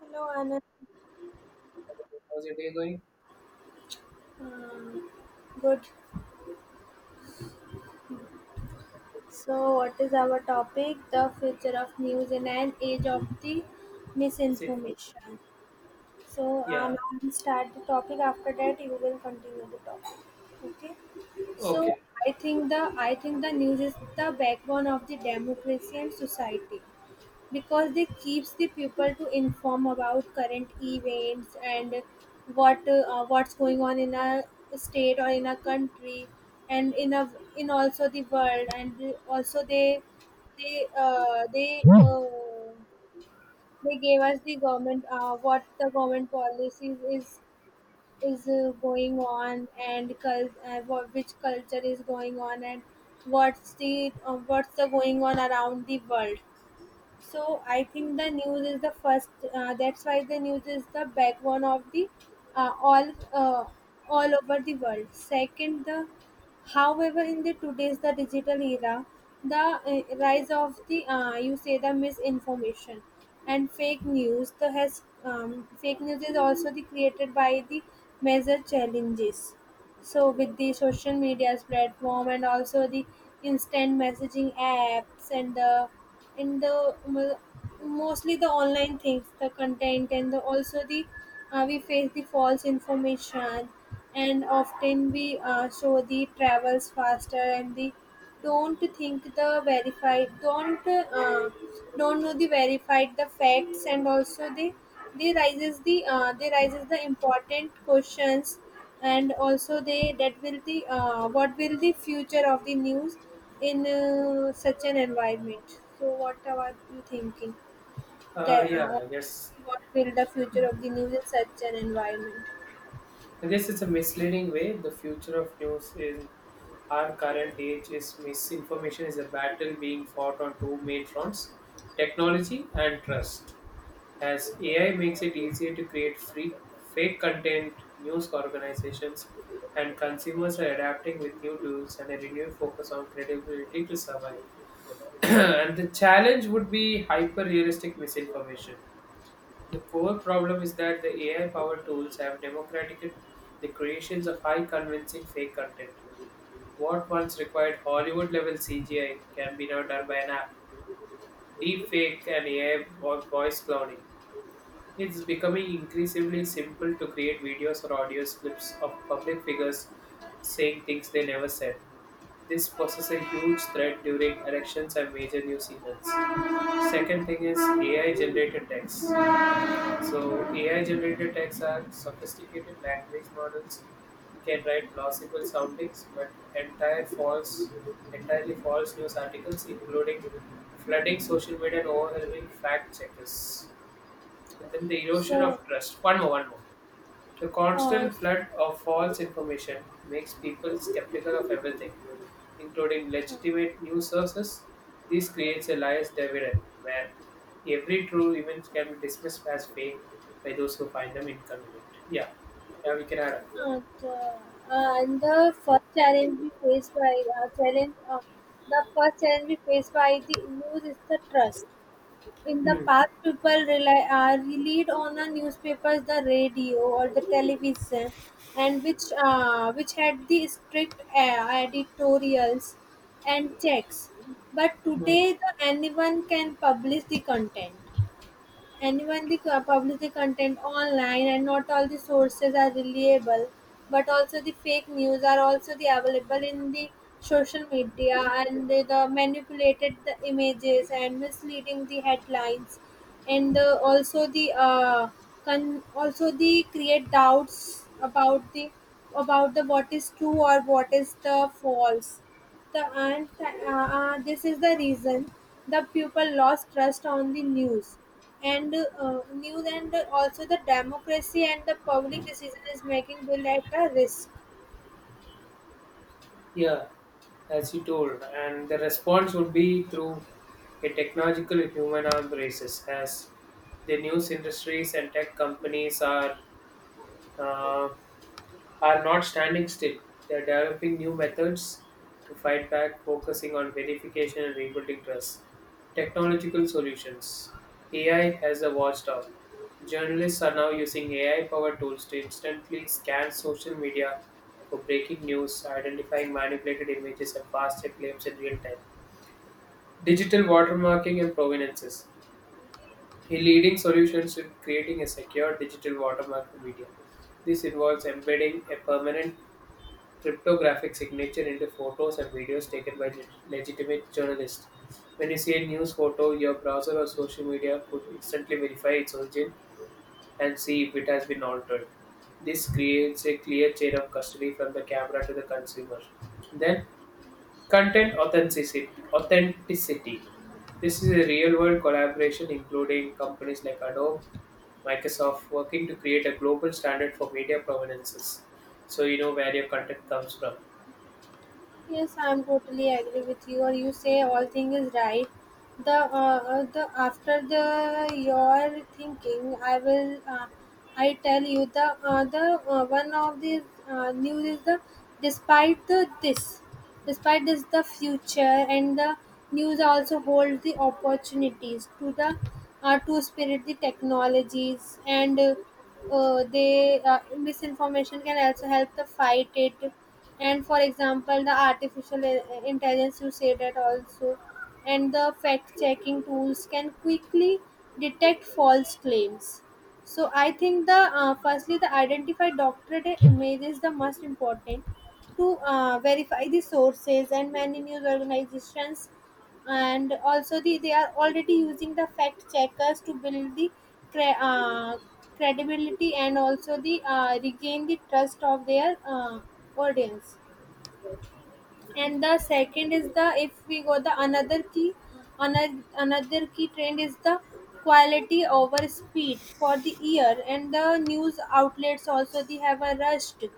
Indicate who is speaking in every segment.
Speaker 1: Hello, Anand.
Speaker 2: How's your day going?
Speaker 1: Um, good. So, what is our topic? The future of news in an age of the
Speaker 2: Is it for?
Speaker 1: misinformation.
Speaker 2: Yeah.
Speaker 1: Now we start the topic. After that, you will continue the topic. Okay. So,
Speaker 2: Okay.
Speaker 1: I think the news is the backbone of the democracy and society. Because they keeps the people to inform about current events and what's going on in a state or in a country and in also the world and also they uh, they uh, they gave us the government what the government policies is going on and which culture is going on and what's the going on around the world so I think the news is the first. That's why the news is the backbone of the uh, all uh, all over the world. Second, the however in the today's the digital era, the rise of the you say the misinformation and fake news. The has fake news is also the created by the major challenges so with the social media's platform and also the instant messaging apps and the mostly the online things, the content and also the we face the false information and often we show the travels faster and the don't think the verified. Don't know the verified the facts and also they raises the important questions and also they that will the what will the future of the news in such an environment. So what are you thinking?
Speaker 2: Uh,
Speaker 1: That
Speaker 2: yeah, I guess.
Speaker 1: what will the future of the news in such an environment?
Speaker 2: I guess it's a misleading way. The future of news in our current age is misinformation is a battle being fought on two main fronts, technology and trust. As AI makes it easier to create free, fake content, news organizations and consumers are adapting with new tools and a renewed focus on credibility to survive. And the challenge would be hyper realistic misinformation. The core problem is that the AI-powered tools have democratized the creations of high convincing fake content. What once required Hollywood-level CGI can be now done by an app, deepfake, and AI voice cloning. It's becoming increasingly simple to create videos or audio clips of public figures saying things they never said. This poses a huge threat during elections and major news events. Second thing is AI generated text. So AI generated texts are sophisticated language models can write plausible soundings, but entirely false news articles, including flooding social media and overwhelming fact checkers. And then the erosion
Speaker 1: So.
Speaker 2: of trust. One more. The constant flood of false information makes people skeptical of everything, including
Speaker 1: Uh,
Speaker 2: legitimate news sources. This creates a biased dividend where every true event can be dismissed as fake by those who find them inconvenient. Yeah, yeah, we can add up.
Speaker 1: The and the first challenge we faced by challenge the first challenge we faced by the news is the trust. In the
Speaker 2: Hmm.
Speaker 1: past, people rely relied on the newspapers, the radio, or the television, and which had the strict editorials and checks. But
Speaker 2: Hmm.
Speaker 1: today, the, anyone can publish the content and when they publish the content online and not all the sources are reliable but also the fake news are also the available in the social media and the manipulated the images and misleading the headlines and also the also the create doubts about the what is true or what is the false the and this is the reason the people lost trust on the news and news and also the democracy and the public decision is making will at a risk.
Speaker 2: Yeah, as you told, and the response would be through a technological human arm races as the news industries and tech companies are. Uh, are not standing still. They are developing new methods to fight back, focusing on verification and rebuilding trust. Technological solutions. AI has a watchdog. Journalists are now using AI powered tools to instantly scan social media for breaking news, identifying manipulated images, and fast check claims in real time. Digital watermarking and provenances. The leading solutions to creating a secure digital watermark for media. This involves embedding a permanent cryptographic signature into photos and videos taken by legitimate journalists. When you see a news photo, your browser or social media could instantly verify its origin and see if it has been altered. This creates a clear chain of custody from the camera to the consumer. Then, content authenticity. Authenticity. This is a real world collaboration including companies like Adobe, Microsoft working to create a global standard for media provenances. So you know where your content comes from.
Speaker 1: Yes, I'm totally agree with you. Or you say all thing is right. The after the your thinking, I tell you the one of the news is the despite the this. Despite this the future and the news also hold the opportunities to the to spirit the technologies and they misinformation can also help the fight it and for example the intelligence you say that also and the fact checking tools can quickly detect false claims so I think the firstly the identify doctorate image is the most important to verify the sources and many news organizations and also they are already using the fact checkers to build the cre- uh, credibility and also the regain the trust of their audience and the second is the if we go the another key another key trend is the quality over speed for the year and the news outlets also they have a rush to-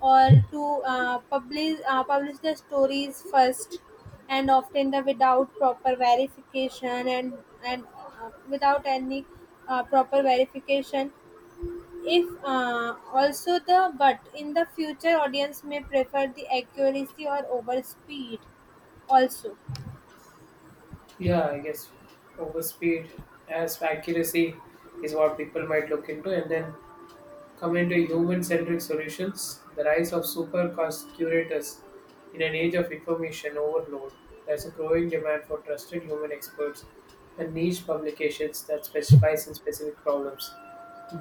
Speaker 1: or to publish publish the stories first and often the without proper verification and without any proper verification if also the but in the future audience may prefer the accuracy or over speed also.
Speaker 2: Yeah, I guess overspeed as accuracy is what people might look into, and then come into human-centric solutions. The rise of super cost curators in an age of information overload. There's a growing demand for trusted human experts and niche publications that specialize in specific problems.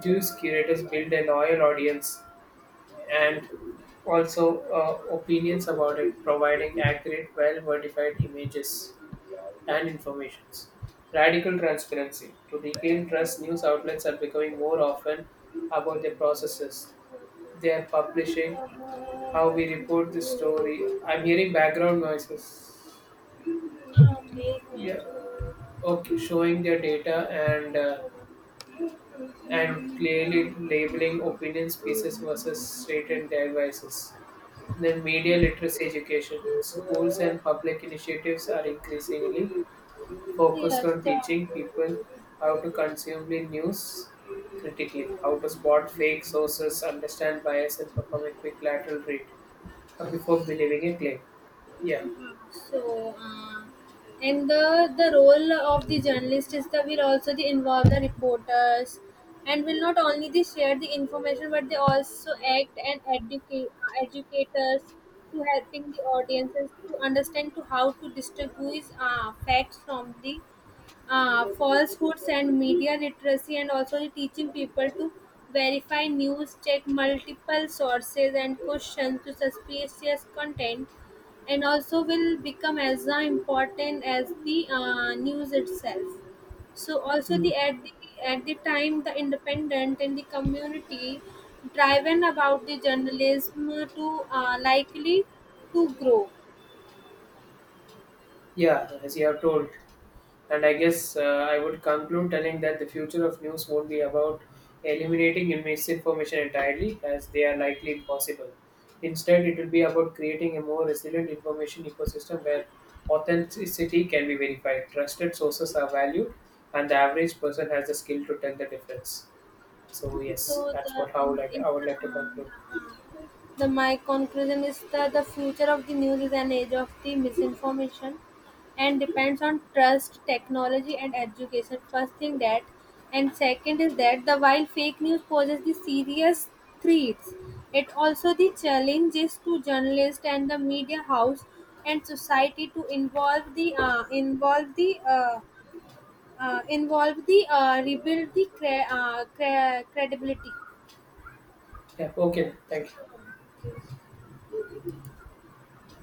Speaker 2: These curators build a loyal audience and also opinions about it, providing accurate, well-modified images and informations. Radical transparency. To regain trust, news outlets are becoming more often about their processes. They are publishing, how we report the story. I'm hearing background noises. Yeah, okay, showing their data and and clearly labeling opinions pieces versus certain devices. Then media literacy education. Schools and public initiatives are increasingly focused
Speaker 1: Yes,
Speaker 2: on
Speaker 1: the
Speaker 2: teaching people how to consume the news critically, how to spot fake sources, understand bias, and perform a quick lateral read before believing a claim. Yeah.
Speaker 1: So, and the role of the journalist is that will also the involve the reporters, and will not only they share the information, but they also act and educate educators to helping the audiences to understand to how to distinguish facts from the falsehoods and media literacy and also the teaching people to verify news check multiple sources and question to suspicious content and also will become as important as the news itself so also
Speaker 2: Hmm.
Speaker 1: the at the at the time the independent and the community driven about the journalism to likely to grow.
Speaker 2: Yeah, as you have told. And I guess I would conclude telling that the future of news won't be about eliminating misinformation entirely, as they are likely impossible. Instead, it will be about creating a more resilient information ecosystem where authenticity can be verified, trusted sources are valued, and the average person has the skill to tell the difference. So yes,
Speaker 1: So
Speaker 2: that's
Speaker 1: the
Speaker 2: what how
Speaker 1: and
Speaker 2: like
Speaker 1: if
Speaker 2: I would like to conclude.
Speaker 1: the my conclusion is that the future of the news is an age of the misinformation, and depends on trust, technology, and education. First thing that, and second is that the while fake news poses the serious threats, it also the challenges to journalists and the media house and society to involve the rebuild the credibility.
Speaker 2: Yeah, okay, thank you.